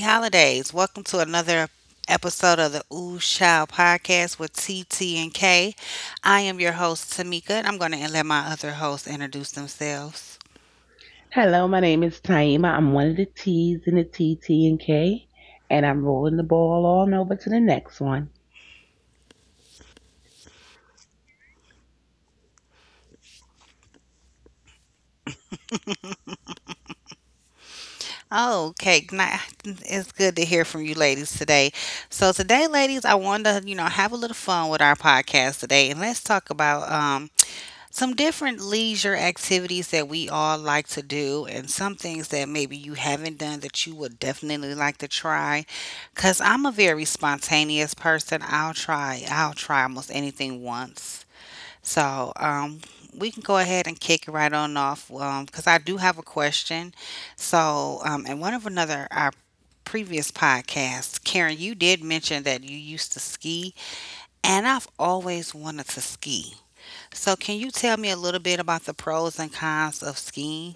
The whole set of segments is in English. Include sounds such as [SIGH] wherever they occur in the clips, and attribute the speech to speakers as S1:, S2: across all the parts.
S1: holidays. Welcome to another episode of the Ooh Child Podcast with T, T, and K. I am your host, Tamika, and I'm going to let my other hosts introduce themselves.
S2: Hello, my name is Taima. I'm one of the T's in the T, T, and K, and I'm rolling the ball on over to the next one.
S1: Okay, it's good to hear from you ladies today. So today, ladies, I wanted to, have a little fun with our podcast today, and let's talk about some different leisure activities that we all like to do, and some things that maybe you haven't done that you would definitely like to try. Because I'm a very spontaneous person. I'll try almost anything once. So, we can go ahead and kick it right on off, because I do have a question. So, in one of our previous podcasts, Karen, you did mention that you used to ski, and I've always wanted to ski. So, can you tell me a little bit about the pros and cons of skiing?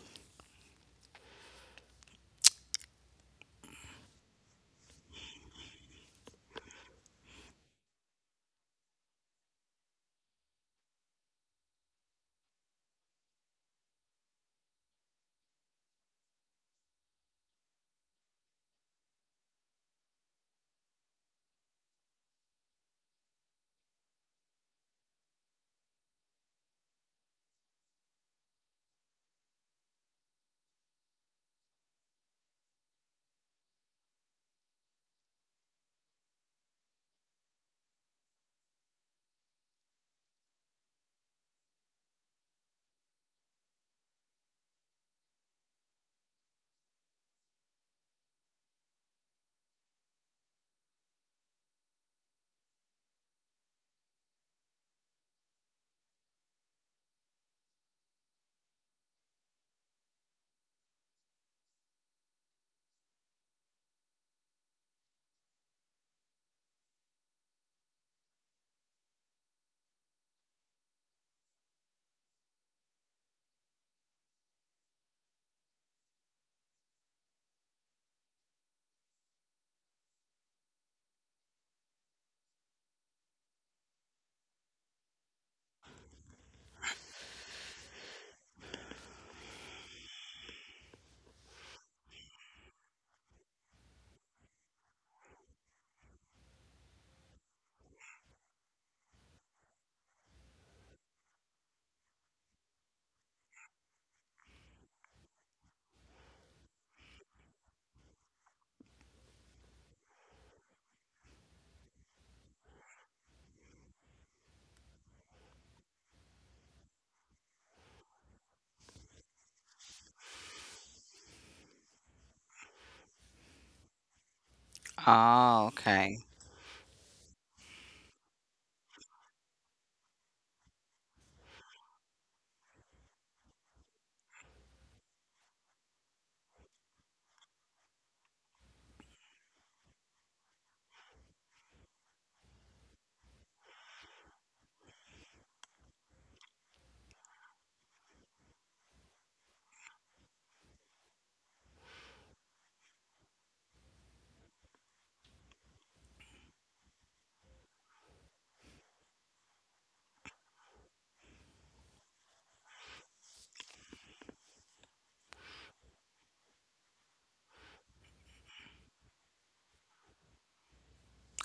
S1: Oh, okay.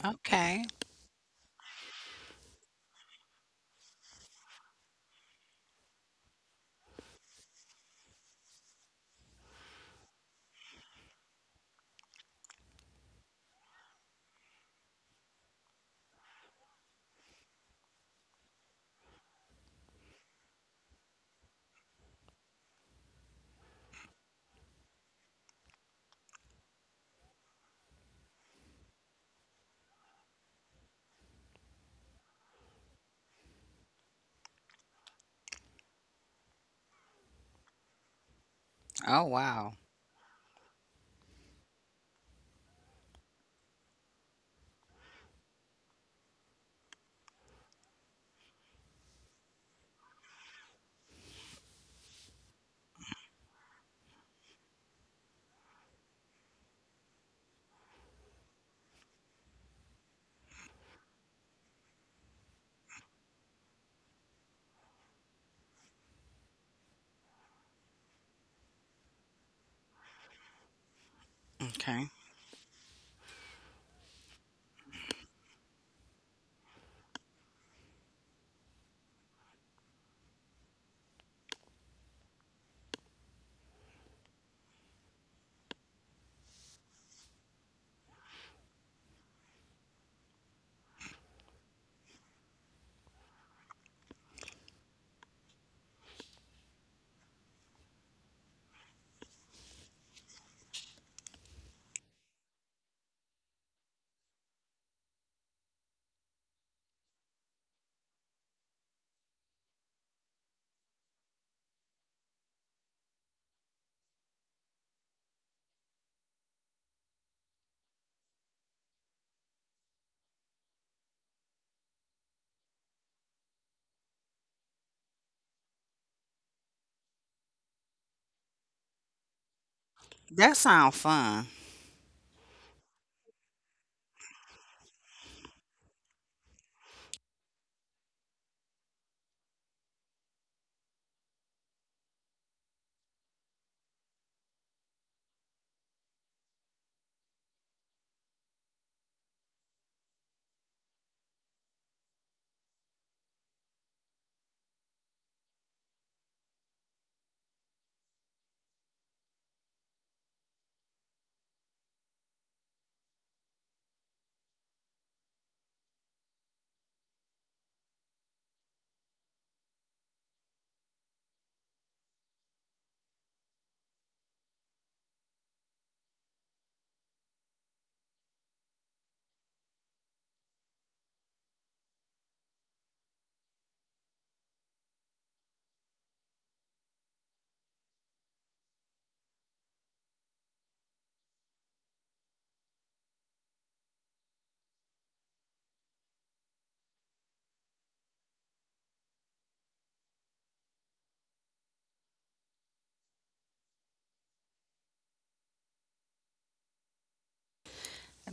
S1: Okay. Oh, wow. Okay. That sounds fun.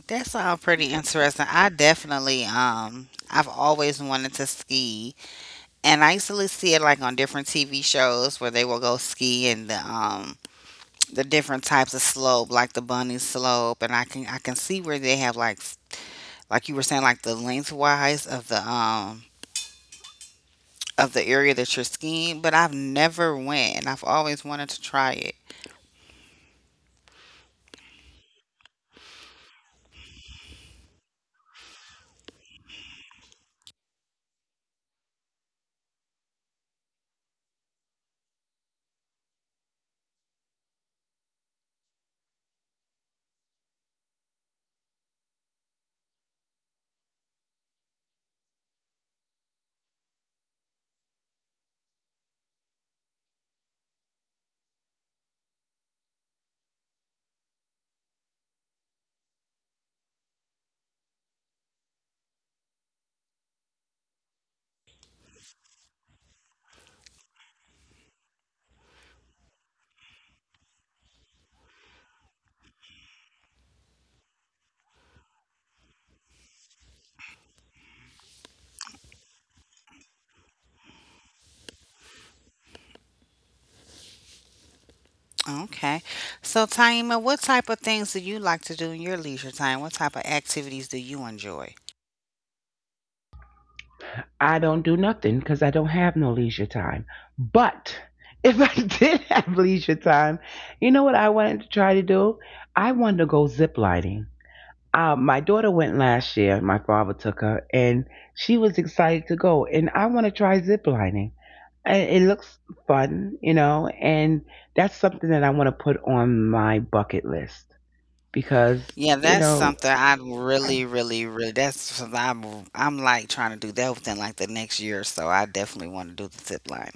S1: That sounds pretty interesting. I definitely, I've always wanted to ski, and I used to see it like on different TV shows where they will go ski and the different types of slope, like the bunny slope, and I can see where they have like like you were saying, like the lengthwise of the area that you're skiing, but I've never went and I've always wanted to try it. Okay. So Taima, what type of things do you like to do in your leisure time? What type of activities do you enjoy?
S2: I don't do nothing because I don't have no leisure time. But if I [LAUGHS] did have leisure time, you know what I wanted to try to do? I wanted to go zip lining. My daughter went last year. My father took her, and she was excited to go. And I want to try zip lining. And it looks fun, you know, and that's something that I want to put on my bucket list because,
S1: Yeah,
S2: you
S1: that's
S2: know,
S1: something I
S2: I,
S1: really, really, really. That's something I'm like trying to do that within like the next year or so. I definitely want to do the zip line.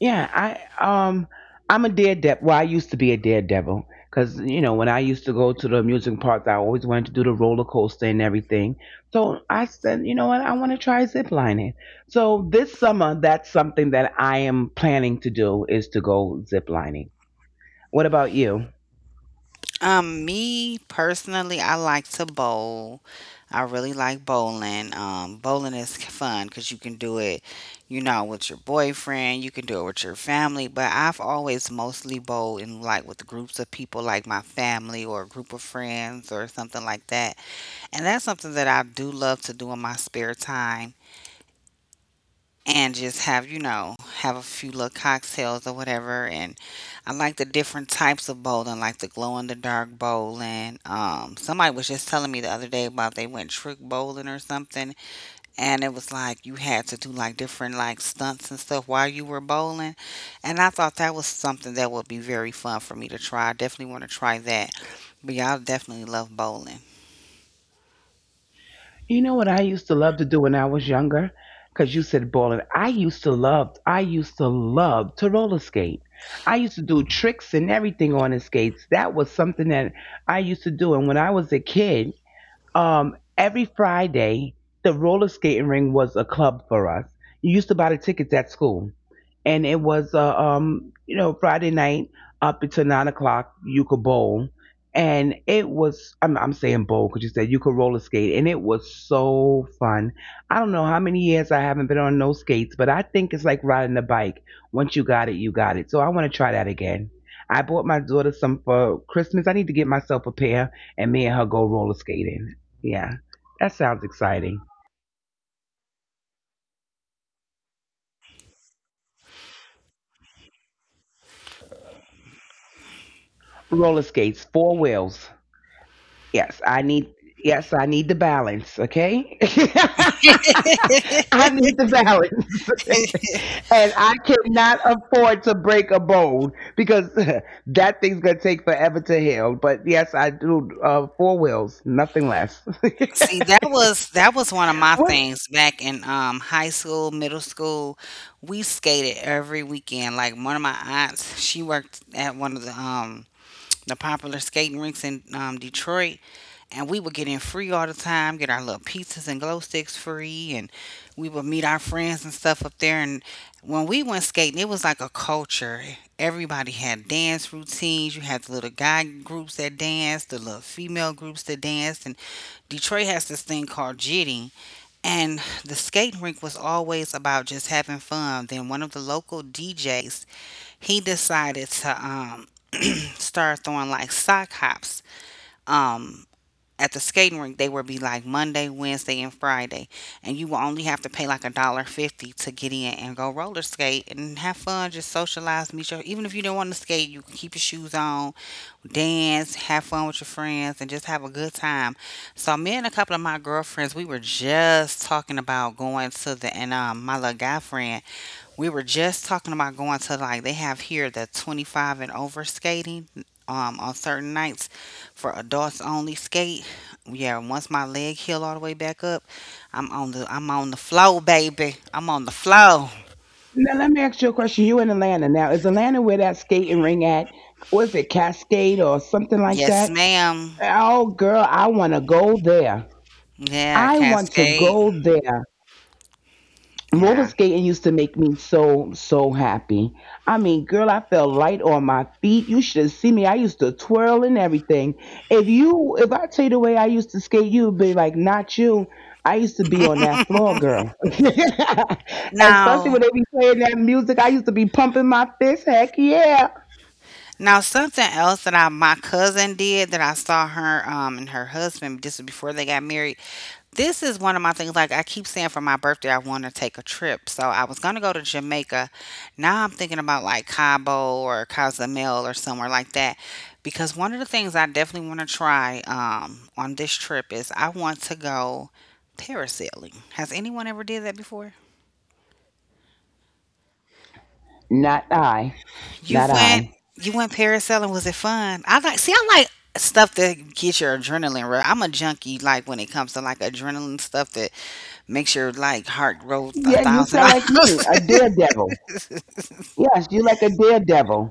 S2: yeah, I'm a daredevil. Well, I used to be a daredevil because you know when I used to go to the amusement parks, I always wanted to do the roller coaster and everything. So I said, you know what, I want to try zip lining. So this summer, that's something that I am planning to do is to go zip lining. What about you?
S1: Me personally, I like to bowl. I really like bowling. Bowling is fun because you can do it, you know, with your boyfriend, you can do it with your family. But I've always mostly bowled in like with groups of people, like my family or a group of friends or something like that. And that's something that I do love to do in my spare time and just have you know have a few little cocktails or whatever. And I like the different types of bowling, like the glow in the dark bowling. Somebody was just telling me the other day about they went trick bowling or something, and it was like you had to do like different like stunts and stuff while you were bowling, and I thought that was something that would be very fun for me to try. I definitely want to try that, but y'all definitely love bowling.
S2: You know what I used to love to do when I was younger? Because you said bowling. I used to love to roller skate. I used to do tricks and everything on the skates. That was something that I used to do. And when I was a kid, every Friday, the roller skating ring was a club for us. You used to buy the tickets at school, and it was a you know Friday night up until 9 o'clock Yucca Bowl, and it was I'm saying bowl because you said Yucca roller skate, and it was so fun. I don't know how many years I haven't been on no skates, but I think it's like riding a bike. Once you got it, you got it. So I want to try that again. I bought my daughter some for Christmas. I need to get myself a pair, and me and her go roller skating. Yeah, that sounds exciting. Roller skates, four wheels. Yes, I need the balance, okay? [LAUGHS]
S1: [LAUGHS]
S2: I need the balance. [LAUGHS] And I cannot afford to break a bone because [LAUGHS] that thing's gonna take forever to heal. But yes, I do four wheels, nothing less. [LAUGHS]
S1: See, that was one of my
S2: What
S1: things back in high school, middle school. We skated every weekend. Like one of my aunts, she worked at one of the popular skating rinks in Detroit, and we would get in free all the time, get our little pizzas and glow sticks free, and we would meet our friends and stuff up there. And when we went skating, it was like a culture. Everybody had dance routines. You had the little guy groups that danced, the little female groups that danced, and Detroit has this thing called jitting. And the skating rink was always about just having fun. Then one of the local DJs, he decided to start throwing like sock hops. Um, at the skating rink they would be like Monday, Wednesday, and Friday, and you will only have to pay like a dollar 50 to get in and go roller skate and have fun, just socialize, meet your. Even if you don't want to skate, you can keep your shoes on, dance, have fun with your friends, and just have a good time. So me and a couple of my girlfriends, we were just talking about going to the, and my little guy friend, we were just talking about going to, like they have here the 25 and over skating, on certain nights for adults only skate. Yeah, once my leg heal all the way back up, I'm on the flow baby, I'm on the flow.
S2: now let me ask you a question. You in Atlanta now. Is Atlanta where that skating ring at? Was it Cascade or something like
S1: Yes
S2: that?
S1: ma'am.
S2: Oh girl, I wanna go there.
S1: Yeah,
S2: I
S1: can
S2: want to
S1: skate.
S2: go there. Roller
S1: Yeah.
S2: skating used to make me so happy. I mean girl, I felt light on my feet. You should have seen me. I used to twirl and everything. If I tell you the way I used to skate, you'd be like not you. I used to be on that floor, girl. [LAUGHS] Especially when
S1: Now,
S2: they be playing that music, I used to be pumping my fist, heck yeah.
S1: something else that I, my cousin did, that I saw her and her husband, this was before they got married. This is one of my things. Like I keep saying, for my birthday, I want to take a trip. So I was going to go to Jamaica. Now I'm thinking about like Cabo or Cozumel or somewhere like that. Because one of the things I definitely want to try on this trip is I want to go parasailing. Has anyone ever did that before?
S2: Not I,
S1: You
S2: not
S1: went,
S2: I,
S1: parasailing. Was it fun? I like stuff that gets your adrenaline rush. I'm a junkie, like when it comes to like adrenaline stuff that makes your like heart grow a
S2: yeah, you
S1: thousand [LAUGHS]
S2: sound like me.
S1: miles.
S2: A daredevil, yes. You like a daredevil.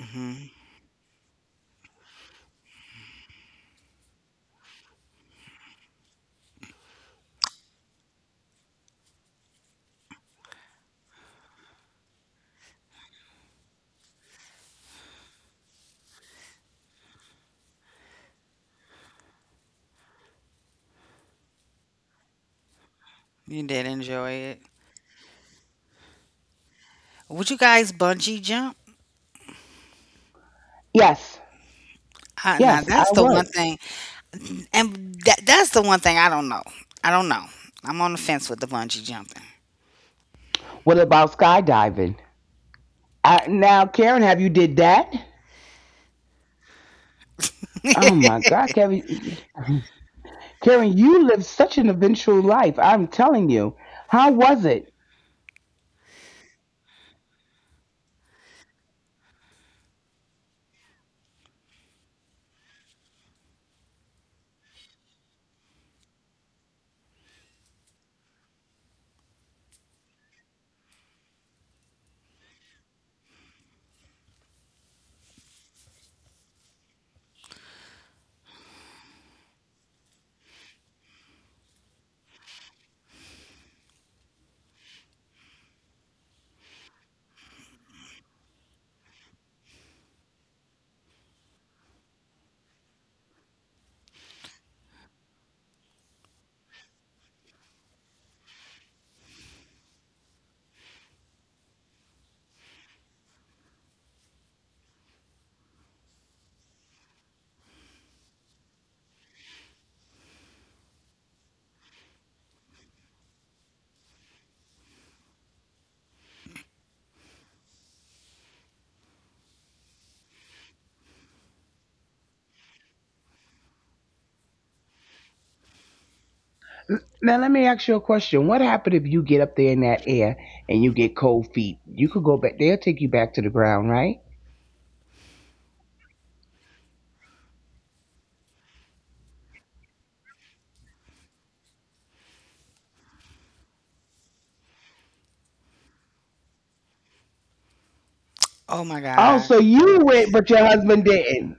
S1: Mhm. You did enjoy it. Would you guys bungee jump?
S2: Yes,
S1: Now
S2: yes, I
S1: that's the one
S2: would.
S1: thing, and that's the one thing I don't know. I don't know. I'm on the fence with the bungee jumping.
S2: What about skydiving? I, now, Karen, have you did that? Oh my God, Karen, Karen, you lived such an eventual life. I'm telling you. How was it? Now, let me ask you a question. What happened if you get up there in that air and you get cold feet? You could go back. They'll take you back to the ground, right?
S1: Oh my
S2: Oh,
S1: god.
S2: so you went, but your husband didn't.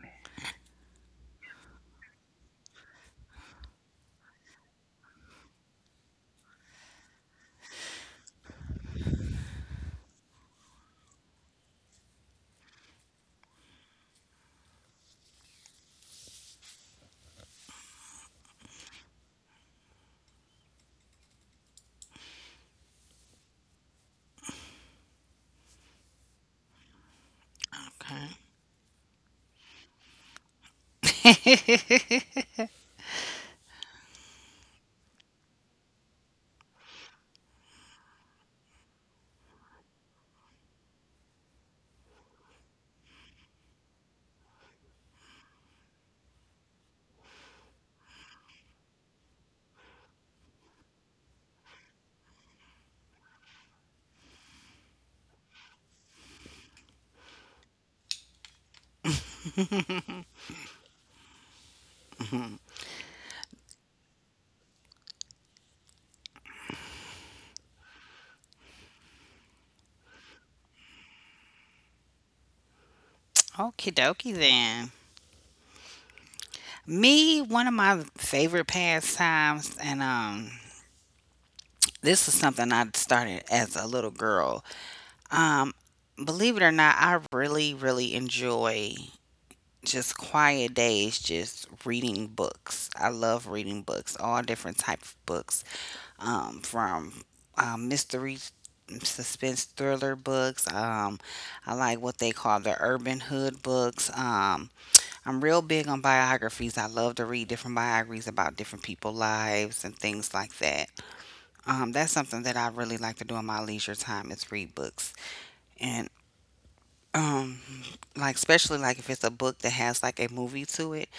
S1: Okay. [LAUGHS] Okie dokie then. Me, one of my favorite pastimes, and this is something I started as a little girl. Um, Believe it or not, I really enjoy just quiet days just reading books. I love reading books, all different type of books, from mystery, suspense, thriller books, I like what they call the urban hood books, I'm real big on biographies. I love to read different biographies about different people's lives and things like that. That's something that I really like to do in my leisure time is read books. And um like especially like if it's a book that has like a movie to it,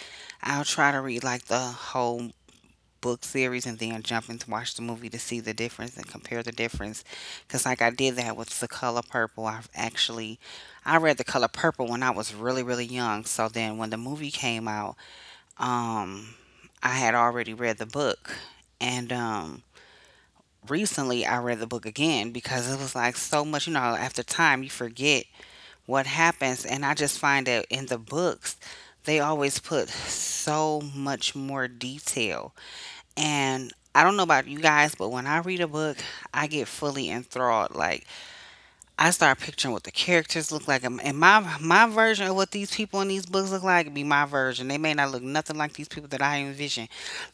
S1: I'll try to read like the whole book series and then jump into watch the movie to see the difference and compare the difference. Because like I did that with The Color Purple. I've actually, I read The Color Purple when I was really, really young. So then when the movie came out, um I had already read the book. And recently I read the book again, because it was like so much, you know, after time you forget what happens. And I just find that in the books, they always put so much more detail. And I don't know about you guys, but when I read a book, I get fully enthralled. Like I start picturing what the characters look like, and and my version of what these people in these books look like be my version. They may not look nothing like these people that I envision,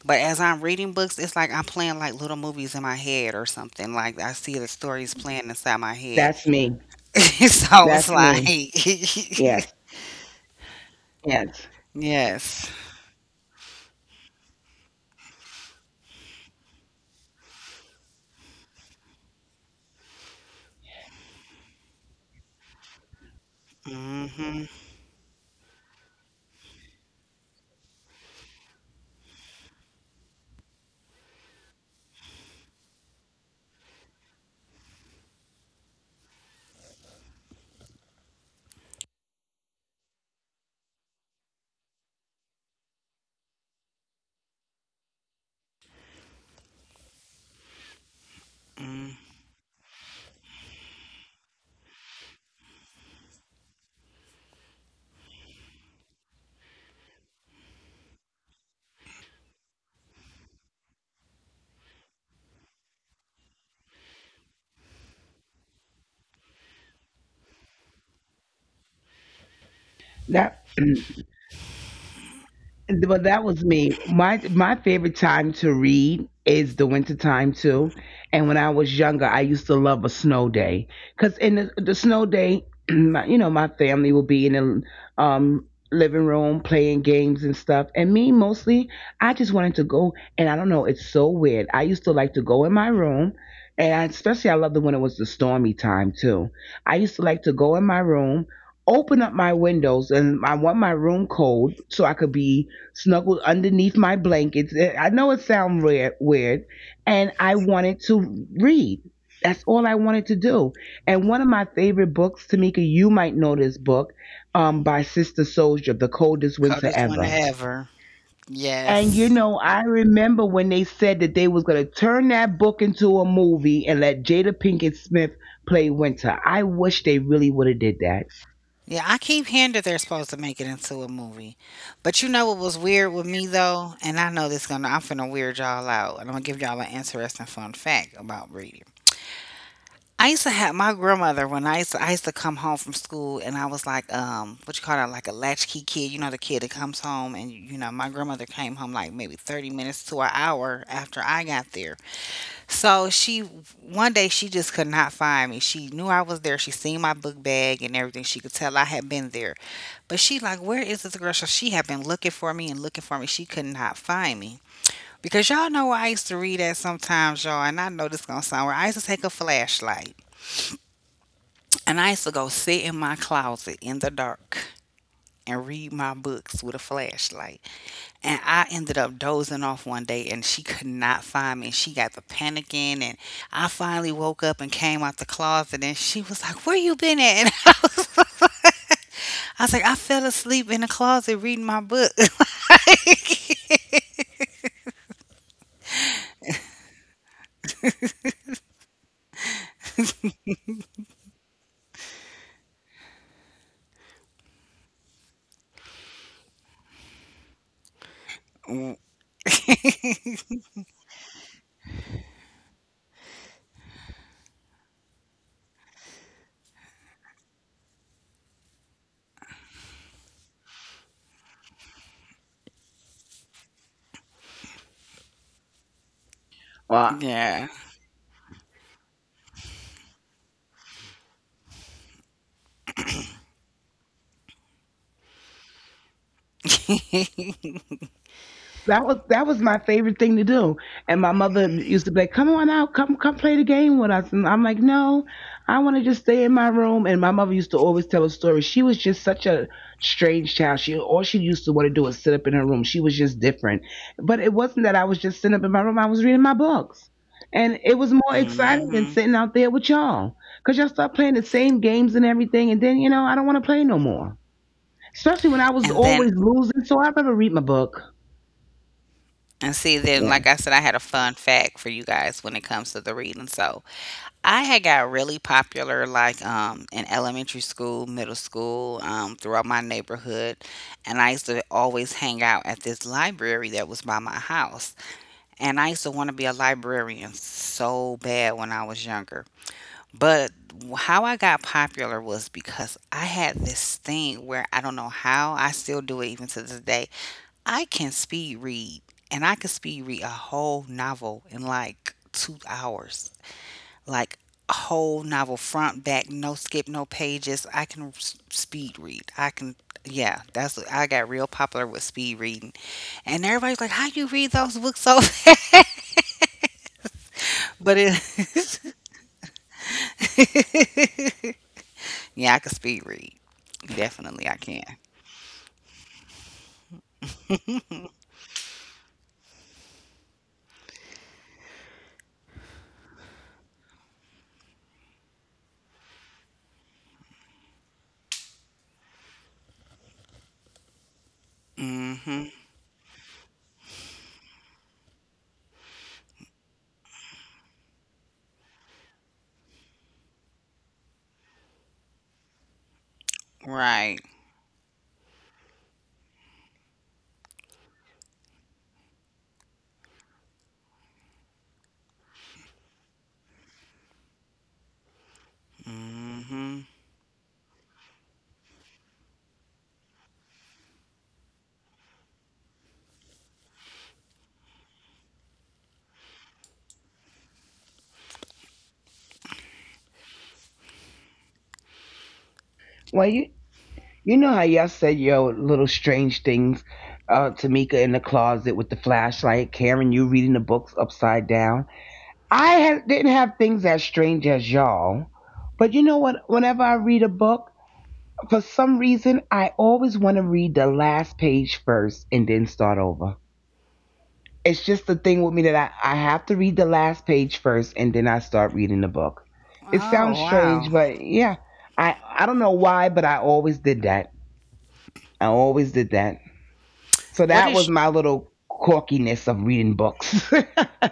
S1: but as I'm reading books, it's like I'm playing like little movies in my head or something. Like I see the stories playing inside my head.
S2: That's me.
S1: [LAUGHS] So it's
S2: That's
S1: like.
S2: me.
S1: [LAUGHS]
S2: Yes, yes.
S1: Yes. Mhm. mm.
S2: That. Well, that was me. My favorite time to read is the winter time too. And when I was younger, I used to love a snow day because in the snow day, [CLEARS THROAT] my, you know, my family will be in the living room playing games and stuff. And me mostly, I just wanted to go. And I don't know, it's so weird. I used to like to go in my room. And I, especially, I loved it when it was the stormy time too. I used to like to go in my room, open up my windows, and I want my room cold so I could be snuggled underneath my blankets. Eh, I know it sounds weird, and I wanted to read. That's all I wanted to do. And one of my favorite books, Tamika, you might know this book, by Sister Soldier, The Coldest Winter
S1: Coldest winter
S2: Ever.
S1: ever.
S2: And you
S1: Yes.
S2: know, I remember when they said that they was gonna turn that book into a movie and let Jada Pinkett Smith play Winter. I wish they really would have did that.
S1: Yeah, I keep hearing that they're supposed to make it into a movie. But you know what was weird with me though, and I know this gonna, I'm finna weird y'all out, and I'm gonna give y'all an interesting fun fact about reading. I used to have my grandmother when I used to come home from school, and I was like what you call that, like a latchkey kid, you know, the kid that comes home, and you know, my grandmother came home like maybe 30 minutes to an hour after I got there. So she one day she just could not find me. She knew I was there. She seen my book bag and everything. She could tell I had been there. But she like, where is this girl? So she had been looking for me and looking for me. She could not find me. Because y'all know I used to read that sometimes, y'all, and I know this gonna sound weird. I used to take a flashlight and I used to go sit in my closet in the dark and read my books with a flashlight. And I ended up dozing off one day and she could not find me. She got the panicking and I finally woke up and came out the closet and she was like, where you been at? [LAUGHS] And I was like, I fell asleep in the closet reading my book. [LAUGHS] Mm, yeah. [LAUGHS]
S2: That was my favorite thing to do. And my mother used to be like, "Come on out, come play the game with us." And I'm like, "No, I want to just stay in my room." And my mother used to always tell a story. She was just such a strange child. She all she used to want to do is sit up in her room. She was just different. But it wasn't that I was just sitting up in my room. I was reading my books. And it was more
S1: Hmm.
S2: exciting than
S1: And
S2: sitting out there with y'all. Because y'all start playing the same games and everything. And then, you know, I don't want to play no more. Especially when I was
S1: then,
S2: always losing. So I'd rather read my book.
S1: and see then like I said, I had a fun fact for you guys when it comes to the reading. So I had got really popular like in elementary school, middle school, throughout my neighborhood. And I used to always hang out at this library that was by my house. And I used to want to be a librarian so bad when I was younger. But how I got popular was because I had this thing where I don't know how I still do it even to this day. I can speed read, and I could speed read a whole novel in like 2 hours, like a whole novel, front, back, no skip, no pages. I can speed read, I can. Yeah, that's what I got real popular with, speed reading. And everybody's like, how you read those books so [LAUGHS] fast? But it [LAUGHS] yeah, I can speed read, definitely I can. Mm-hmm. Right. Mm-hmm.
S2: Well, you know how y'all said your little strange things, Tamika in the closet with the flashlight, Karen, you reading the books upside down. I had, didn't have things as strange as y'all, but you know what? Whenever I read a book, for some reason, I always want to read the last page first and then start over. It's just the thing with me that I have to read the last page first and then I start reading the book. It
S1: Oh,
S2: sounds
S1: wow.
S2: strange, but yeah, I don't know why, but I always did that. I always did that. So
S1: what
S2: that was
S1: is
S2: my little quirkiness of reading books. [LAUGHS]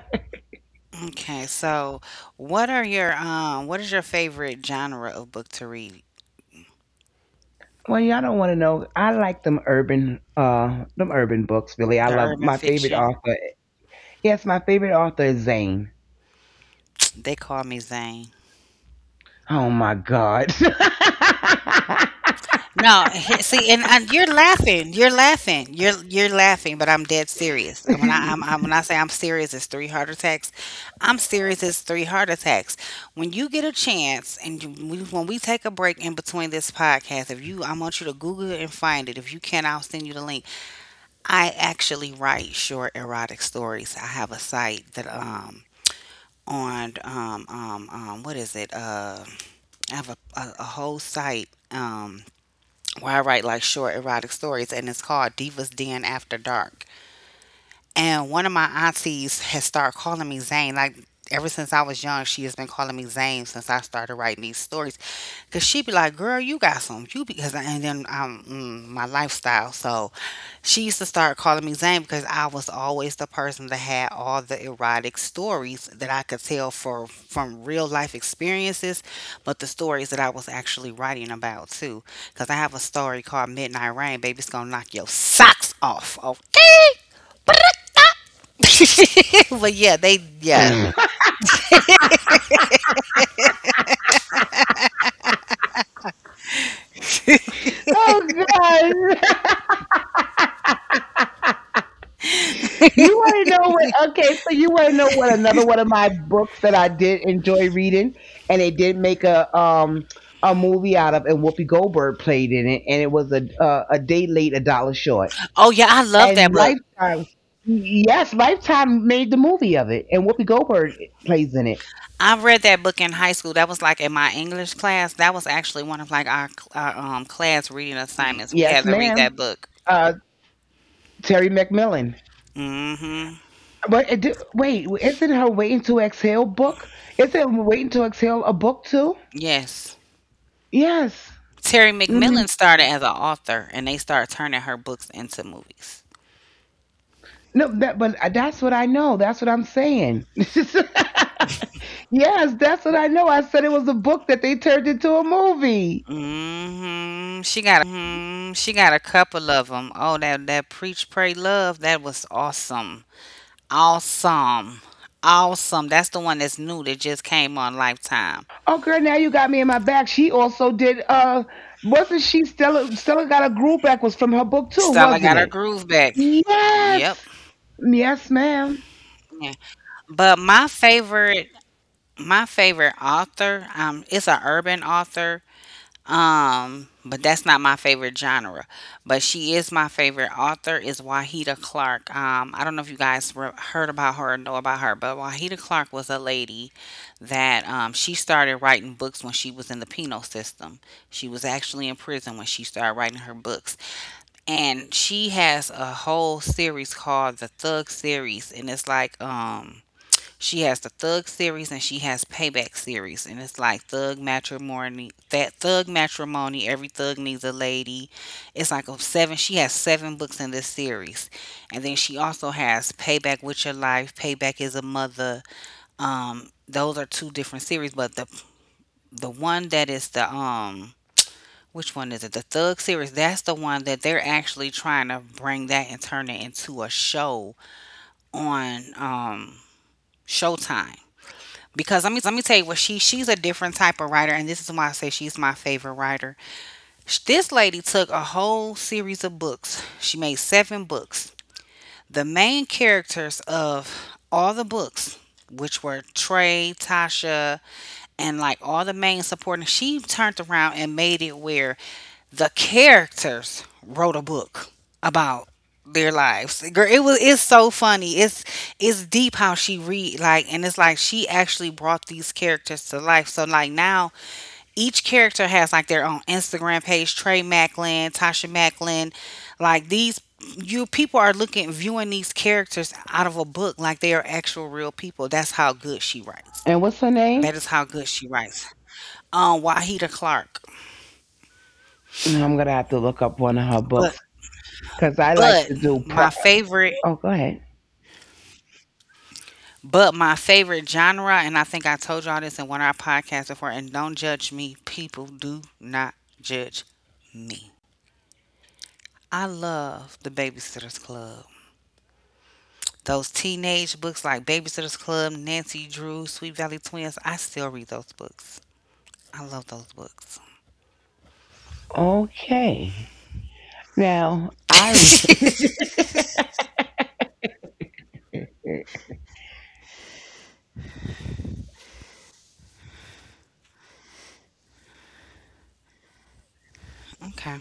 S1: Okay, so what is your favorite genre of book to read?
S2: Well, y'all don't want to know. I like them urban books. Really, I
S1: The
S2: love
S1: urban
S2: my favorite
S1: fiction.
S2: author. Yes, my favorite author is Zane.
S1: They call me Zane.
S2: Oh my God. [LAUGHS]
S1: No, [LAUGHS] see, and you're laughing. You're laughing. You're laughing, but I'm dead serious. And
S2: [LAUGHS]
S1: when I say I'm serious, it's three heart attacks. I'm serious. It's three heart attacks. When you get a chance, and when we take a break in between this podcast, if you, I want you to Google it and find it. If you can, I'll send you the link. I actually write short erotic stories. I have a site that on what is it I have a whole site. Where I write like short erotic stories, and it's called Divas Den After Dark. And one of my aunties has started calling me Zane. Like ever since I was young, she has been calling me Zane since I started writing these stories. Cause she be like, "Girl, you got some you because," and then my lifestyle. So she used to start calling me Zane because I was always the person that had all the erotic stories that I could tell for from real life experiences, but the stories that I was actually writing about too. Cause I have a story called Midnight Rain. Baby, it's gonna knock your socks off. Okay. [LAUGHS] But yeah, they yeah.
S2: Oh God. [LAUGHS] You want to know what? Okay, so you want to know what another one of my books that I did enjoy reading, and they did make a movie out of, and Whoopi Goldberg played in it, and it was a day late, a dollar short,
S1: Oh yeah, I love that
S2: and
S1: book.
S2: Lifetime. Yes, Lifetime made the movie of it, and Whoopi Goldberg plays in it.
S1: I read that book in high school. That was like in my English class. That was actually one of like our class reading assignments. We
S2: Yes,
S1: had to read
S2: ma'am.
S1: that book.
S2: Uh, Terry McMillan.
S1: Mm. Mhm.
S2: But it, wait, isn't her Waiting to Exhale book? Isn't Waiting to Exhale a book too?
S1: Yes.
S2: Yes.
S1: Terry
S2: Mm-hmm.
S1: McMillan started as an author, and they started turning her books into movies.
S2: No, that but that's what I know. That's what I'm saying. [LAUGHS] Yes, that's what I know. I said it was a book that they turned into a movie.
S1: Mm. Mhm. She got a couple of them. Oh, that Preach Pray Love, that was awesome. Awesome. Awesome. That's the one that's new that just came on Lifetime.
S2: Oh girl, now you got me in my back. She also did wasn't she Stella got a groove back was from her book too,
S1: Stella
S2: wasn't
S1: Got Her
S2: it?
S1: Groove Back. Yep.
S2: Yes. Yes, ma'am.
S1: Yeah. But my favorite author, it's an urban author. But that's not my favorite genre. But she is my favorite author is Wahida Clark. I don't know if you guys heard about her or know about her, but Wahida Clark was a lady that she started writing books when she was in the penal system. She was actually in prison when she started writing her books, and she has a whole series called the Thug series, and it's like she has the Thug series and she has Payback series, and it's like Thug Matrimony. That Thug Matrimony. Every Thug Needs a Lady. It's like a seven. She has seven books in this series, and then she also has Payback with Your Life. Payback is a Mother. Those are two different series, but the one that is the Which one is it? The Thug series. That's the one that they're actually trying to bring that and turn it into a show on Showtime. Because let me tell you what, she's a different type of writer, and this is why I say she's my favorite writer. This lady took a whole series of books. She made seven books. The main characters of all the books, which were Trey, Tasha, and like all the main supporting, she turned around and made it where the characters wrote a book about their lives. Girl, it's so funny. It's deep how she read, like, and it's like she actually brought these characters to life. So like now each character has like their own Instagram page. Trey Macklin, Tasha Macklin, like these you people are looking viewing these characters out of a book like they are actual real people. That's how good she writes.
S2: And what's her name?
S1: That is how good she writes. Wahida Clark,
S2: I'm gonna have to look up one of her
S1: but
S2: books because I like
S1: but
S2: to do pro
S1: my favorite.
S2: oh go ahead.
S1: But my favorite genre, and I think I told y'all this in one of our podcasts before, and don't judge me. People, do not judge me. I love the Babysitters Club. Those teenage books like Babysitter's Club, Nancy Drew, Sweet Valley Twins, I still read those books. I love those books.
S2: Okay. Now I
S1: Okay.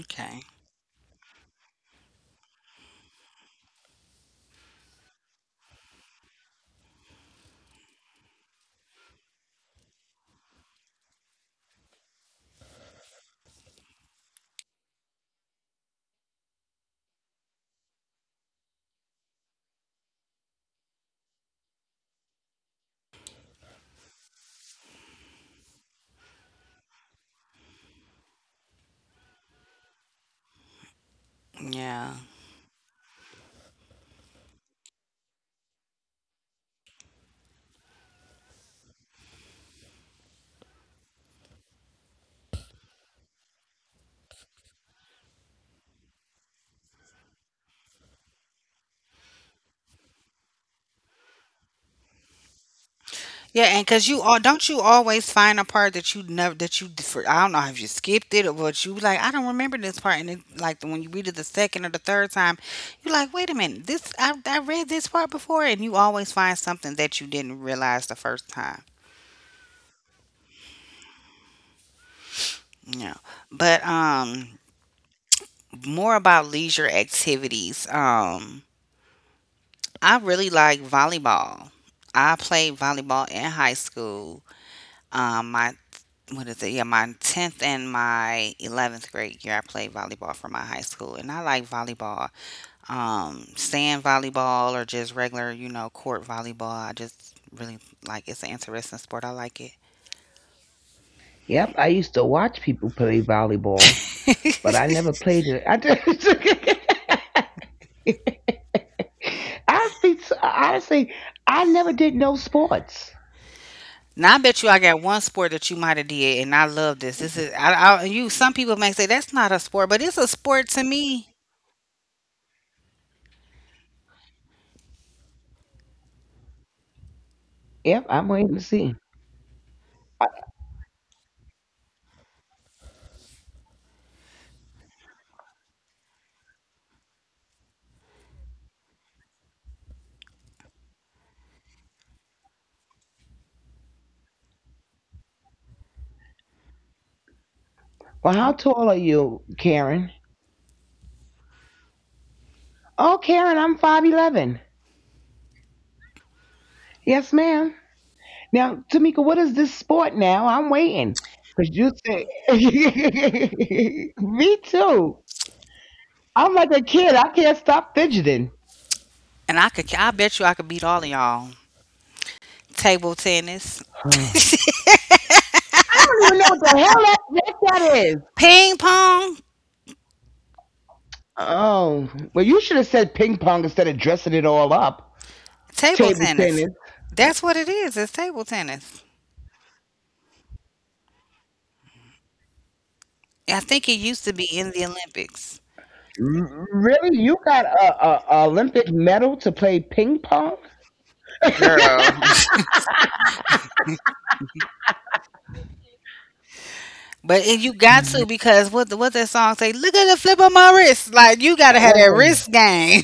S1: Okay. Yeah. Yeah, and cuz you all don't you always find a part that you never that I don't know if you skipped it or what. You like, I don't remember this part. And like when you read it the second or the third time, you're like, wait a minute, this I read this part before, and you always find something that you didn't realize the first time. Yeah. But more about leisure activities. I really like volleyball. I played volleyball in high school. My what is it? Yeah, my tenth and my 11th grade year, I played volleyball for my high school, and I like volleyball. Sand volleyball or just regular, court volleyball. I just really like. It's an interesting sport. I like it.
S2: Yep, I used to watch people play volleyball, but I never played it. I just, [LAUGHS] I'll be honestly, I never did no sports.
S1: Now, I bet you I got one sport that you might have did, and I love this. This is I you. Some people may say that's not a sport, but it's a sport to me.
S2: Yep, I'm waiting to see. Uh, Well, how tall are you, Karen? Oh, Karen, I'm 5'11. Yes, ma'am. Now, Tamika, what is this sport now? I'm waiting. Because you say, [LAUGHS] me too. I'm like a kid. I can't stop fidgeting. [SIGHS]
S1: And I bet you I could beat all of y'all. Table tennis.
S2: I don't even know what the hell that is.
S1: Ping pong.
S2: Oh, well, you should have said ping pong instead of dressing it all up.
S1: Table
S2: Table
S1: tennis.
S2: tennis.
S1: That's what it is. It's table tennis. I think it used to be in the Olympics.
S2: Really? You got a Olympic medal to play ping pong? [LAUGHS]
S1: Girl. [LAUGHS] But if you got to, because what that song say? Look at the flip of my wrist. Like, you gotta
S2: That
S1: have that
S2: wasn't.
S1: wrist game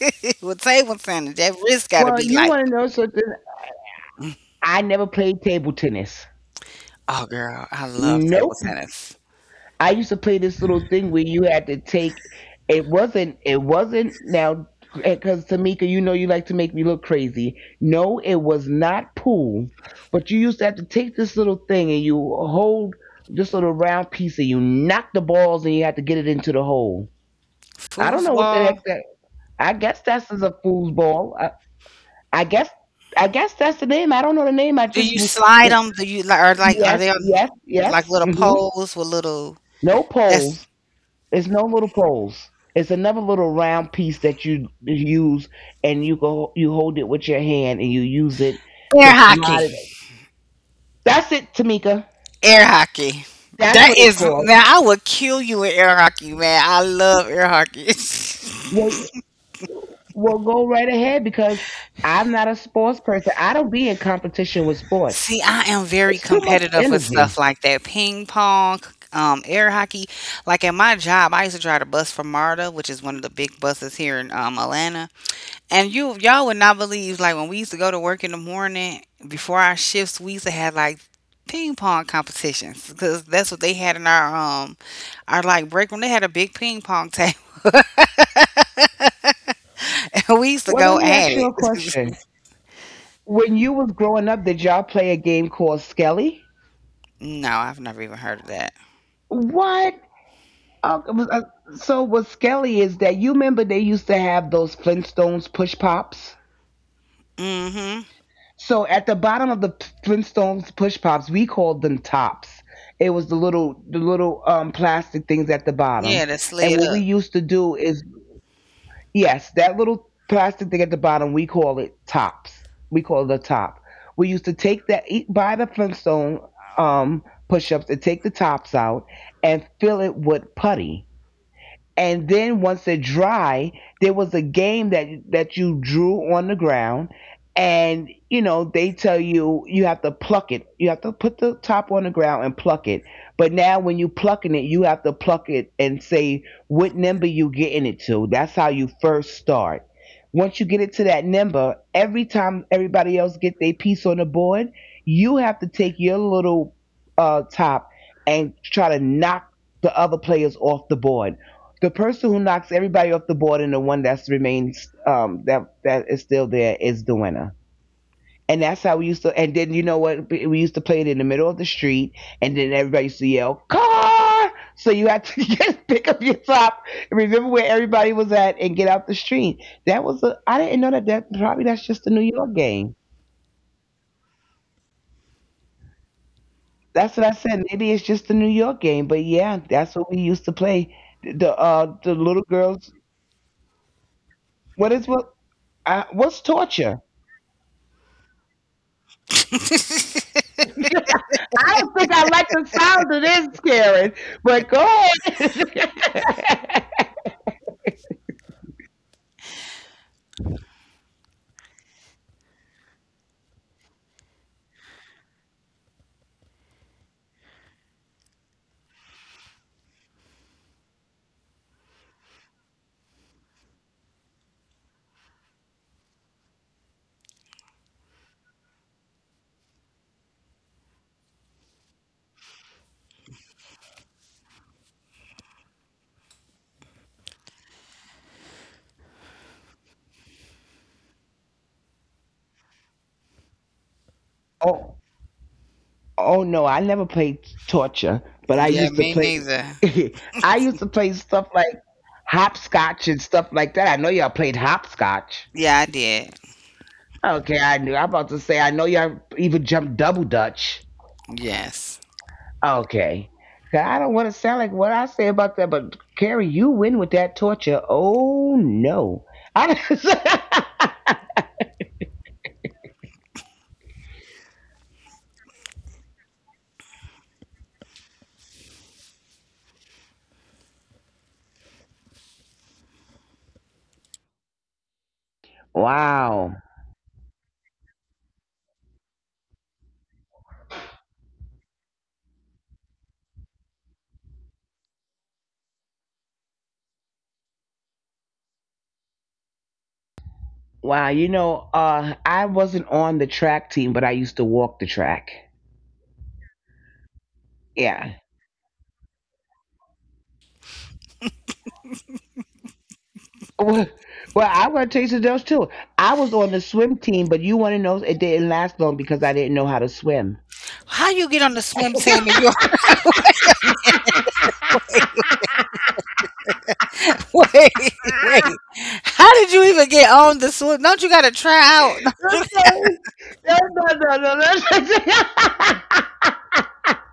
S1: [LAUGHS] with table tennis. That wrist gotta
S2: Well,
S1: be
S2: you
S1: like,
S2: want to know something? I never played table tennis.
S1: oh girl, I love table
S2: Nope.
S1: tennis.
S2: I used to play this little thing where you had to take. It wasn't. It wasn't now because Tamika, you know, you like to make me look crazy. No, it was not pool, but you used to have to take this little thing and you hold this little round piece and you knock the balls and you had to get it into the hole. I don't know what the
S1: Foosball.
S2: heck that. I guess that's is a foosball. I guess. I guess that's the name. I don't know the name. I
S1: Do
S2: just.
S1: you slide them? Do you like are
S2: Yes,
S1: they on
S2: yes,
S1: like
S2: yes.
S1: little
S2: Hmm.
S1: poles with little?
S2: No
S1: That's
S2: poles. It's no little poles. It's another little round piece that you use, and you go you hold it with your hand, and you use it
S1: air
S2: to
S1: hockey.
S2: slide it. That's it, Tamika.
S1: Air hockey.
S2: That's
S1: That
S2: what it's
S1: is
S2: called.
S1: Man, I would kill you in air hockey, man. I love air hockey. [LAUGHS]
S2: Well, well, go right ahead because I'm not a sports person. I don't be in competition with sports.
S1: See, I am very
S2: It's too much
S1: competitive with
S2: energy.
S1: stuff like that. Ping pong, air hockey. Like at my job, I used to drive the bus from MARTA, which is one of the big buses here in Atlanta. And you y'all would not believe, like, when we used to go to work in the morning before our shifts, we used to have like ping pong competitions because that's what they had in our like break room. They had a big ping pong. [LAUGHS] [LAUGHS] We used to
S2: Well, let
S1: go
S2: me
S1: at
S2: ask you
S1: it.
S2: a question. When you was growing up, did y'all play a game called Skelly?
S1: [LAUGHS] No, I've never even heard of that.
S2: What? Uh, it was, uh, so what Skelly is that you remember they used to have those Flintstones push pops.
S1: Mm-hmm.
S2: So at the bottom of the Flintstones push pops, we called them tops. It was the little plastic things at the bottom.
S1: Yeah, that
S2: And
S1: slid
S2: what we
S1: up.
S2: used to do is, yes, that little plastic thing at the bottom, we call it tops. We call it a top. We used to take that eat buy the Flintstone um push ups and take the tops out and fill it with putty. And then once they're dry, there was a game that you drew on the ground, and you know they tell you have to pluck it. You have to put the top on the ground and pluck it. But now when you plucking it, you have to pluck it and say what number you getting it to. That's how you first start. Once you get it to that number, every time everybody else get their piece on the board, you have to take your little top and try to knock the other players off the board. The person who knocks everybody off the board and the one that's remains that is still there is the winner. And that's how we used to. And then, you know what, we used to play it in the middle of the street. And then everybody used to yell car, so you had to [LAUGHS] pick up your top and remember where everybody was at and get out the street. That was a I didn't know that. That probably, that's just the New York game. That's what I said. Maybe it's just the New York game, but yeah, that's what we used to play. The the little girls. what is what what's torture?
S1: [LAUGHS]
S2: [LAUGHS] I don't think I like the sound of this, Karen. But go ahead. [LAUGHS] oh, oh, no, I never played torture, but I
S1: Yeah,
S2: used to
S1: me
S2: play.
S1: neither.
S2: [LAUGHS] I used to play stuff like hopscotch and stuff like that. I know y'all played hopscotch.
S1: Yeah, I did.
S2: Okay, I knew. I'm about to say I know y'all even jumped double dutch.
S1: Yes.
S2: Okay, I don't want to sound like what I say about that, but Carrie, you win with that torture. Oh no. I [LAUGHS] Wow. Wow. You know, I wasn't on the track team, but I used to walk the track. Yeah. Well, well, I'm going to tell you something else, too. I was on the swim team, but you want to know it didn't last long because I didn't know how to swim.
S1: How you get on the swim team
S2: [LAUGHS]
S1: in your [LAUGHS] wait, wait. How did you even get on the swim? Don't you gotta try out? [LAUGHS]
S2: I'm sorry. No, no, no, no. No. [LAUGHS]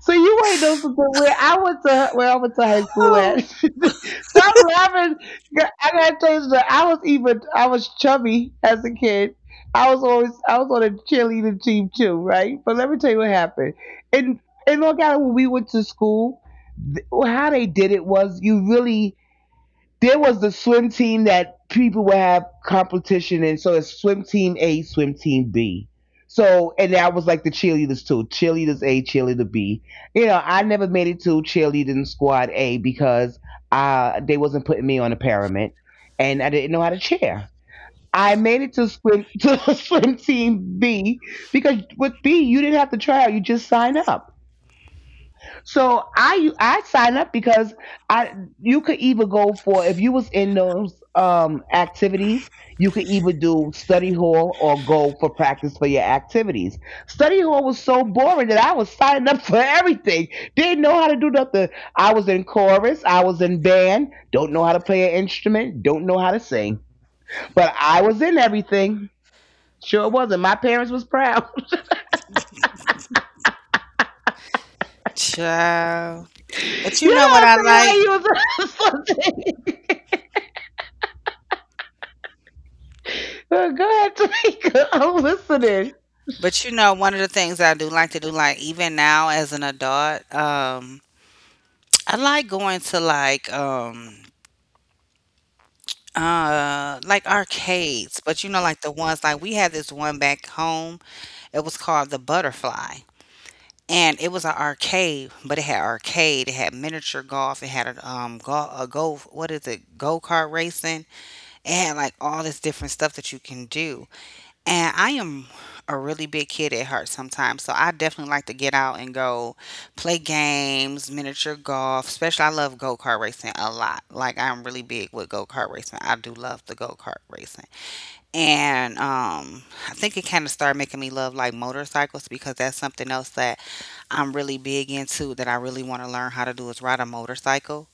S2: So you ain't know something? Where I went to high school at?
S1: No.
S2: [LAUGHS] Stop laughing! Girl, I gotta tell you something. I was chubby as a kid. I was on a cheerleading team too, right? But let me tell you what happened. And in Long Island, when we went to school, how they did it was you really there was the swim team that people would have competition in. So it's swim team A, swim team B. So and that was like the cheerleaders too. Cheerleaders A, cheerleader B. You know, I never made it to cheerleading squad A because they wasn't putting me on a pyramid and I didn't know how to cheer. I made it to swim [LAUGHS] to swim team B because with B you didn't have to try out, you just sign up. So I sign up because I you could either go for if you was in those activities, you could either do study hall or go for practice for your activities. Study hall was so boring that I was signing up [LAUGHS] for everything. Didn't know how to do nothing. I was in chorus, I was in band, don't know how to play an instrument, don't know how to sing. But I was in everything. Sure wasn't. My parents was proud.
S1: Child. But
S2: [LAUGHS] You
S1: you
S2: know
S1: know what
S2: what
S1: I
S2: I'm saying? How
S1: like?
S2: you was [LAUGHS] Girl, go ahead, Tamika. [LAUGHS] I'm listening.
S1: But you know, one of the things I do like to do, like even now as an adult, I like going to like arcades, but you know, like the ones, like we had this one back home. It was called the Butterfly, and it was an arcade, but it had arcade. It had miniature golf. It had a go a go what is it go kart racing. It had like all this different stuff that you can do. And I am a really big kid at heart sometimes. So I definitely like to get out and go play games, miniature golf, especially. I love go-kart racing a lot. Like, I'm really big with go-kart racing. I do love the go-kart racing. And I think it kind of started making me love like motorcycles because that's something else that I'm really big into that I really want to learn how to do is ride a motorcycle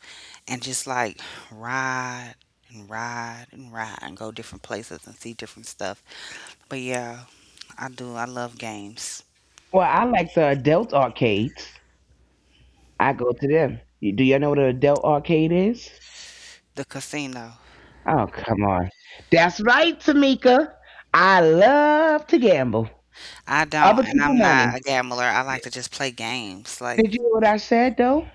S1: and just like ride and ride and ride and go different places and see different stuff. But yeah, I do. I love games.
S2: Well, I like the adult arcades. I go to them. Do you know what an adult arcade is?
S1: The casino.
S2: Oh, come on. That's right, Tamika. I love to gamble
S1: I don't,
S2: other
S1: and
S2: people
S1: I'm
S2: money.
S1: not a gambler. I like to just play games. Like
S2: Did you hear what I said though?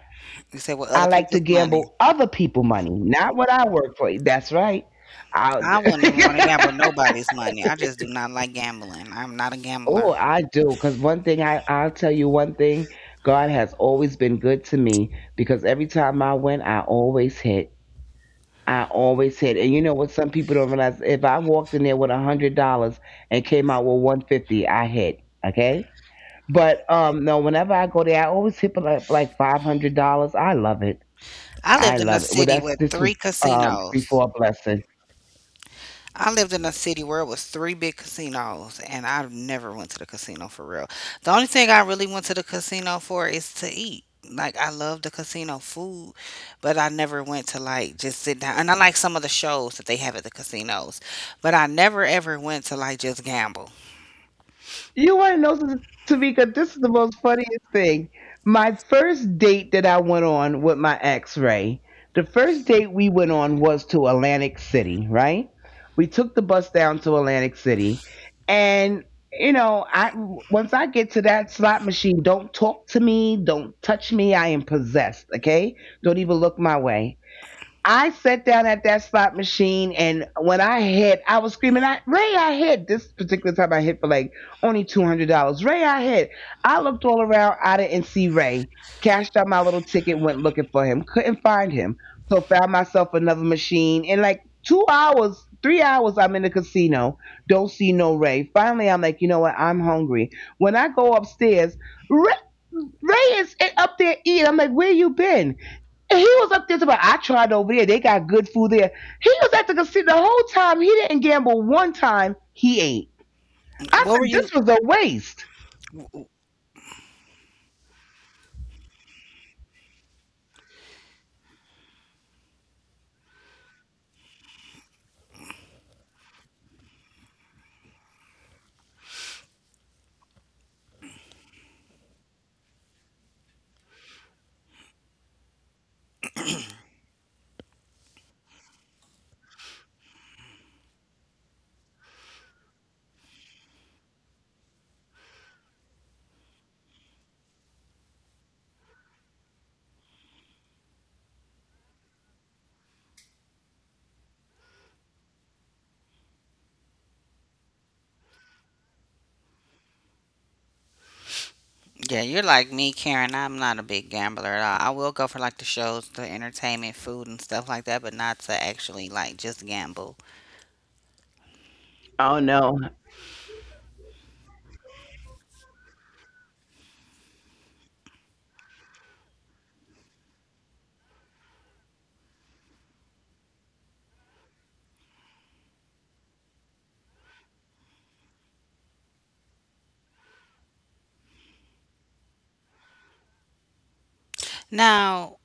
S1: you said, with
S2: I
S1: other
S2: like to
S1: people's money.
S2: gamble other people money, not what I work for. That's right. I
S1: I wouldn't even want to gamble
S2: [LAUGHS]
S1: nobody's money. I just do not like gambling. I'm not a
S2: Oh,
S1: gambler.
S2: I do. Because one thing, I'll tell you one thing, God has always been good to me because every time I went, I always hit. I always hit. And you know what some people don't realize? If I walked in there with a $100 and came out with 150, I hit. Okay? But no, whenever I go there, I always hit for like $500. I love it.
S1: I
S2: I
S1: lived in a
S2: love it. Well,
S1: city
S2: that's
S1: with
S2: this
S1: three
S2: was
S1: casinos.
S2: before blessing.
S1: I lived in a city where it was three big casinos, and I never went to the casino for real. The only thing I really went to the casino for is to eat. Like, I love the casino food, but I never went to like just sit down. And I like some of the shows that they have at the casinos, but I never ever went to like just gamble.
S2: You want to know, Tamika? This is the most funniest thing. My first date that I went on with my ex, Ray. The first date we went on was to Atlantic City, right? We took the bus down to Atlantic City, and you know, I once I get to that slot machine, don't talk to me, don't touch me. I am possessed. Okay, don't even look my way. I sat down at that slot machine, and when I hit, I was screaming, Ray, I hit. This particular time I hit for like only $200. Ray, I hit. I looked all around. I didn't see Ray. Cashed out my little ticket, went looking for him. Couldn't find him. So found myself another machine. In like 2 hours, 3 hours, I'm in the casino. Don't see no Ray. Finally, I'm like, you know what? I'm hungry. When I go upstairs, Ray, Ray is up there eating. I'm like, where you been? And he was up there talking about I tried over there. They got good food there. He was at the casino the whole time. He didn't gamble one time. He ate. I
S1: What were
S2: said this
S1: you?
S2: was a waste.
S1: Yeah, you're like me, Karen. I'm not a big gambler at all. I will go for like the shows, the entertainment, food, and stuff like that, but not to actually like just gamble.
S2: Oh no,
S1: Now,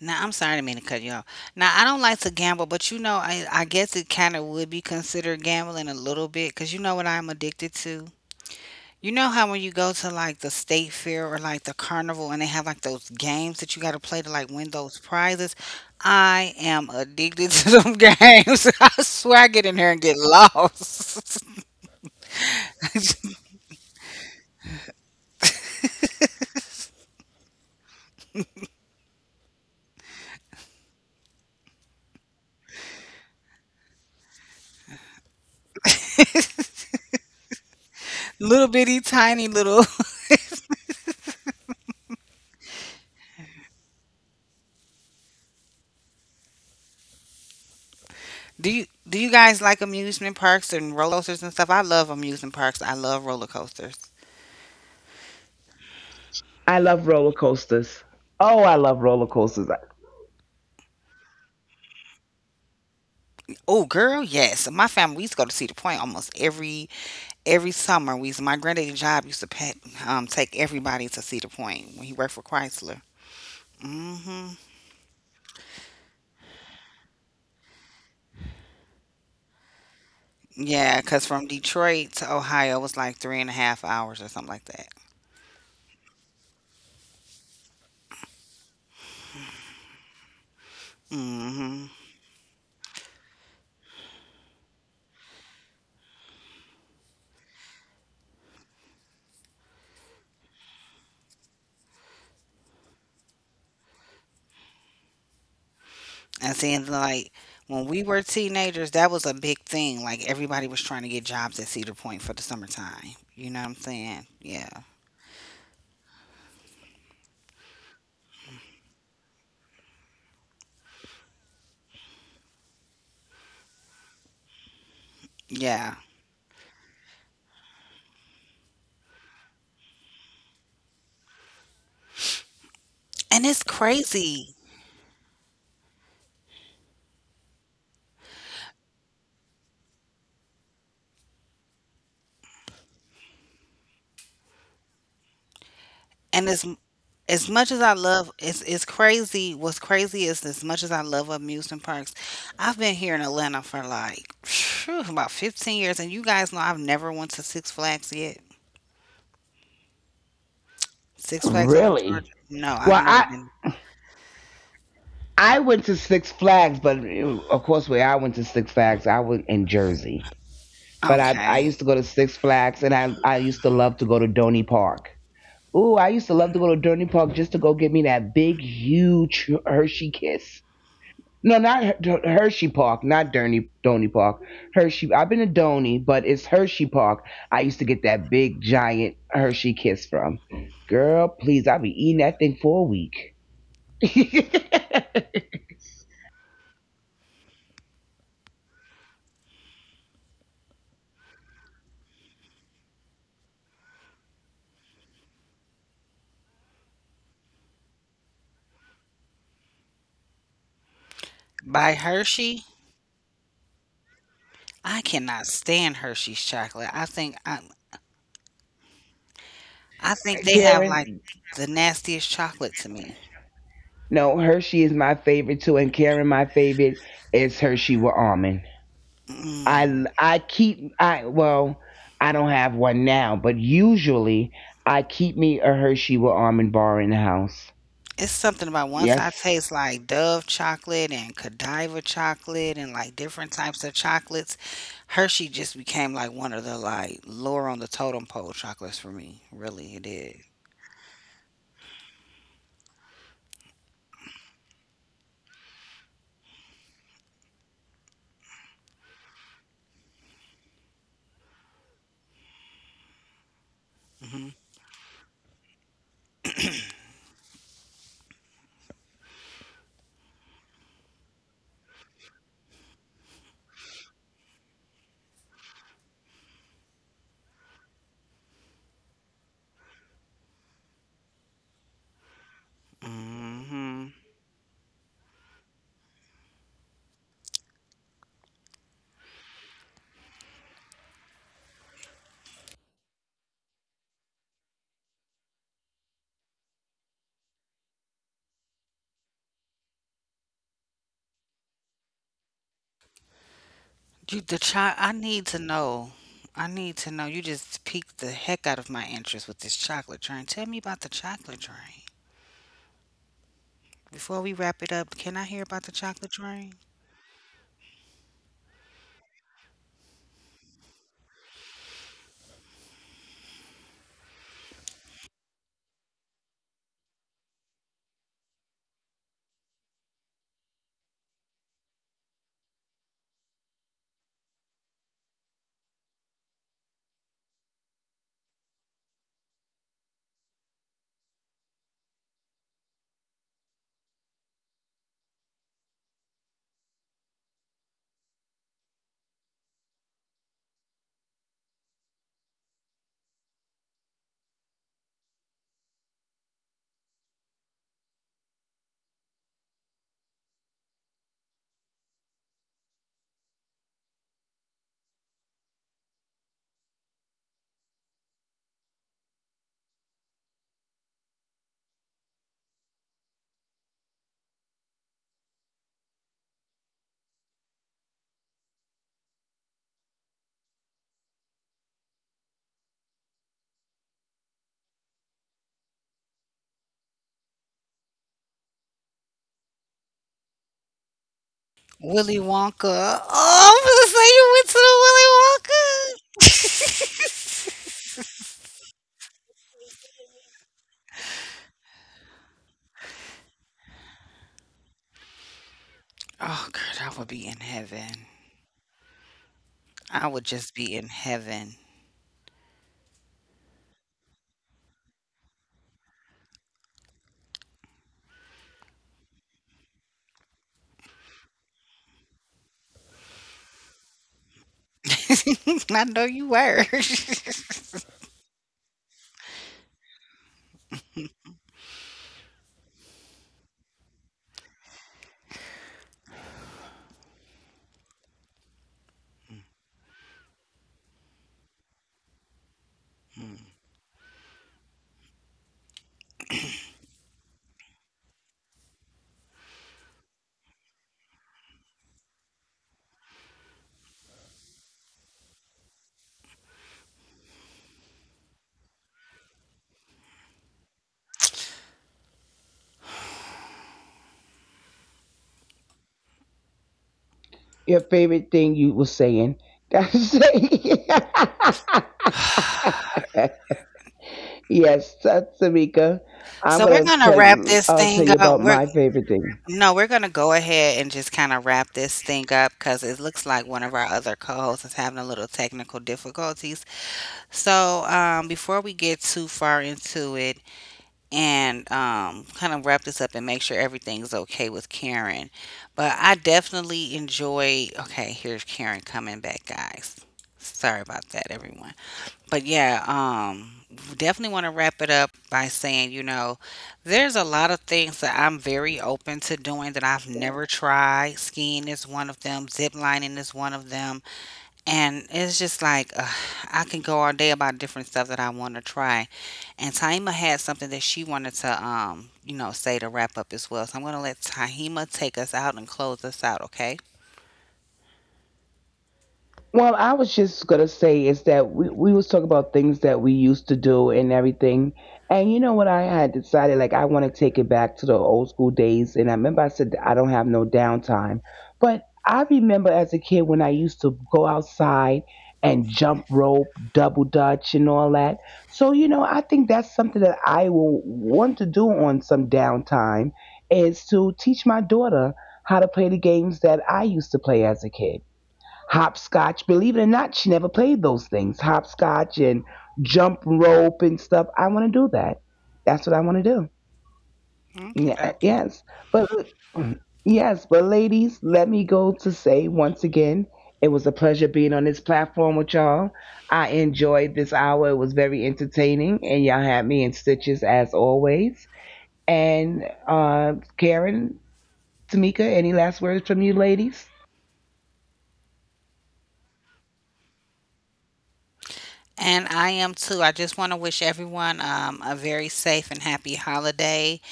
S1: Now, I'm sorry to mean to cut you off. Now, I don't like to gamble, but I guess it kind of would be considered gambling a little bit because you know what I'm addicted to? You know how when you go to like the state fair or like the carnival and they have like those games that you got to play to like win those prizes? I am addicted [LAUGHS] to them games. [LAUGHS] I swear I get in there and get lost. [LAUGHS] Little bitty tiny little. [LAUGHS] Do you guys like amusement parks and roller coasters and stuff? I love amusement parks. I love roller coasters.
S2: I love roller coasters. Oh, I love roller coasters.
S1: Oh, girl, yes. So my family, we used to go to Cedar Point almost every summer. My granddaddy job used to take everybody to Cedar Point when he worked for Chrysler. Mm-hmm. Yeah, because from Detroit to Ohio was like three and a half hours or something like that. Mm-hmm. And then like when we were teenagers, that was a big thing. Like everybody was trying to get jobs at Cedar Point for the summertime. You know what I'm saying? Yeah. Yeah. And it's crazy. And as much as I love it's crazy. What's crazy is as much as I love amusement parks, I've been here in Atlanta for like phew, about 15 years, and you guys know I've never went to Six Flags yet. Six Flags over
S2: Really?
S1: Georgia? No, I've
S2: Well,
S1: never
S2: I
S1: been.
S2: I went to Six Flags, but of course, where I went to Six Flags, I was in Jersey. But I
S1: Okay,
S2: used to go to Six Flags, and I used to love to go to Donny Park. Ooh, I used to love to go to Donny Park just to go get me that big, huge Hershey Kiss. No, not Hershey Park, not Durney, Donny Park. Hershey. I've been to Donny, but it's Hershey Park. I used to get that big giant Hershey kiss from. Girl, please, I'll be eating that thing for a week. [LAUGHS]
S1: by Hershey, I cannot stand Hershey's chocolate. I think they have like
S2: Karen,
S1: the nastiest chocolate to me.
S2: no, Hershey is my favorite too, and Karen, my favorite is Hershey with almond.
S1: Mm.
S2: I keep I well, I don't have one now, but usually I keep me a Hershey with almond bar in the house.
S1: It's something about once
S2: Yes,
S1: I taste like Dove chocolate and Godiva chocolate and like different types of chocolates, Hershey just became like one of the like lower on the totem pole chocolates for me. Really, it did. Mm. Mhm. Mm. Mhm. You the child. I need to know. You just piqued the heck out of my interest with this chocolate train. Tell me about the chocolate train. Before we wrap it up, can I hear about the chocolate train? Willy Wonka. Oh, I'm gonna say you went to the Willy Wonka. Oh, girl, I would be in heaven. I would just be in heaven. [LAUGHS] I know you were. [LAUGHS] Hmm.
S2: your favorite thing you were saying. That's [LAUGHS] saying.
S1: [SIGHS]
S2: Yes, that's Tamika. I'm
S1: So we're
S2: gonna
S1: gonna
S2: tell
S1: wrap
S2: you.
S1: this
S2: I'll tell
S1: thing
S2: you
S1: up.
S2: about
S1: We're
S2: my favorite thing.
S1: no, We're gonna go ahead and just kind of wrap this thing up because it looks like one of our other co-hosts is having a little technical difficulties. So before we get too far into it, and kind of wrap this up and make sure everything's okay with Karen. But I definitely enjoy. Okay, here's Karen coming back, guys. Sorry about that, everyone. But yeah, definitely want to wrap it up by saying, you know, there's a lot of things that I'm very open to doing that I've never tried. Skiing is one of them. Zip lining is one of them. And it's just like ugh, I can go all day about different stuff that I want to try. And Taima had something that she wanted to, you know, say to wrap up as well. So I'm gonna let Taima take us out and close us out, okay?
S2: Well, I was just gonna say is that we was talking about things that we used to do and everything, and you know what I had decided like I want to take it back to the old school days, and I remember I said I don't have no downtime, but I remember as a kid when I used to go outside and jump rope, double dutch, and all that. So you know I think that's something that I will want to do on some downtime is to teach my daughter how to play the games that I used to play as a kid hopscotch. Believe it or not, she never played those things hopscotch and jump rope and stuff. I want to do that. That's what I want to do.
S1: Okay,
S2: Yeah,
S1: dokie.
S2: yes. But [CLEARS THROAT] yes, but ladies, let me go to say once again, it was a pleasure being on this platform with y'all. I enjoyed this hour. It was very entertaining, and y'all had me in stitches as always. And Karen, Tamika, any last words from you, ladies?
S1: And I am too. I just want to wish everyone a very safe and happy holiday,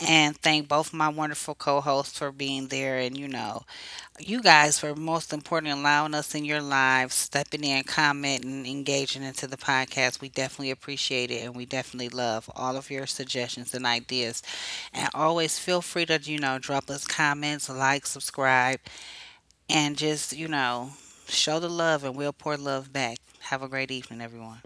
S1: and thank both my wonderful co-hosts for being there. And you know, you guys for most important allowing us in your lives, stepping in, commenting, engaging into the podcast. We definitely appreciate it and we definitely love all of your suggestions and ideas. And always feel free to, you know, drop us comments, like, subscribe, and just, you know, show the love and we'll pour love back. Have a great evening, everyone.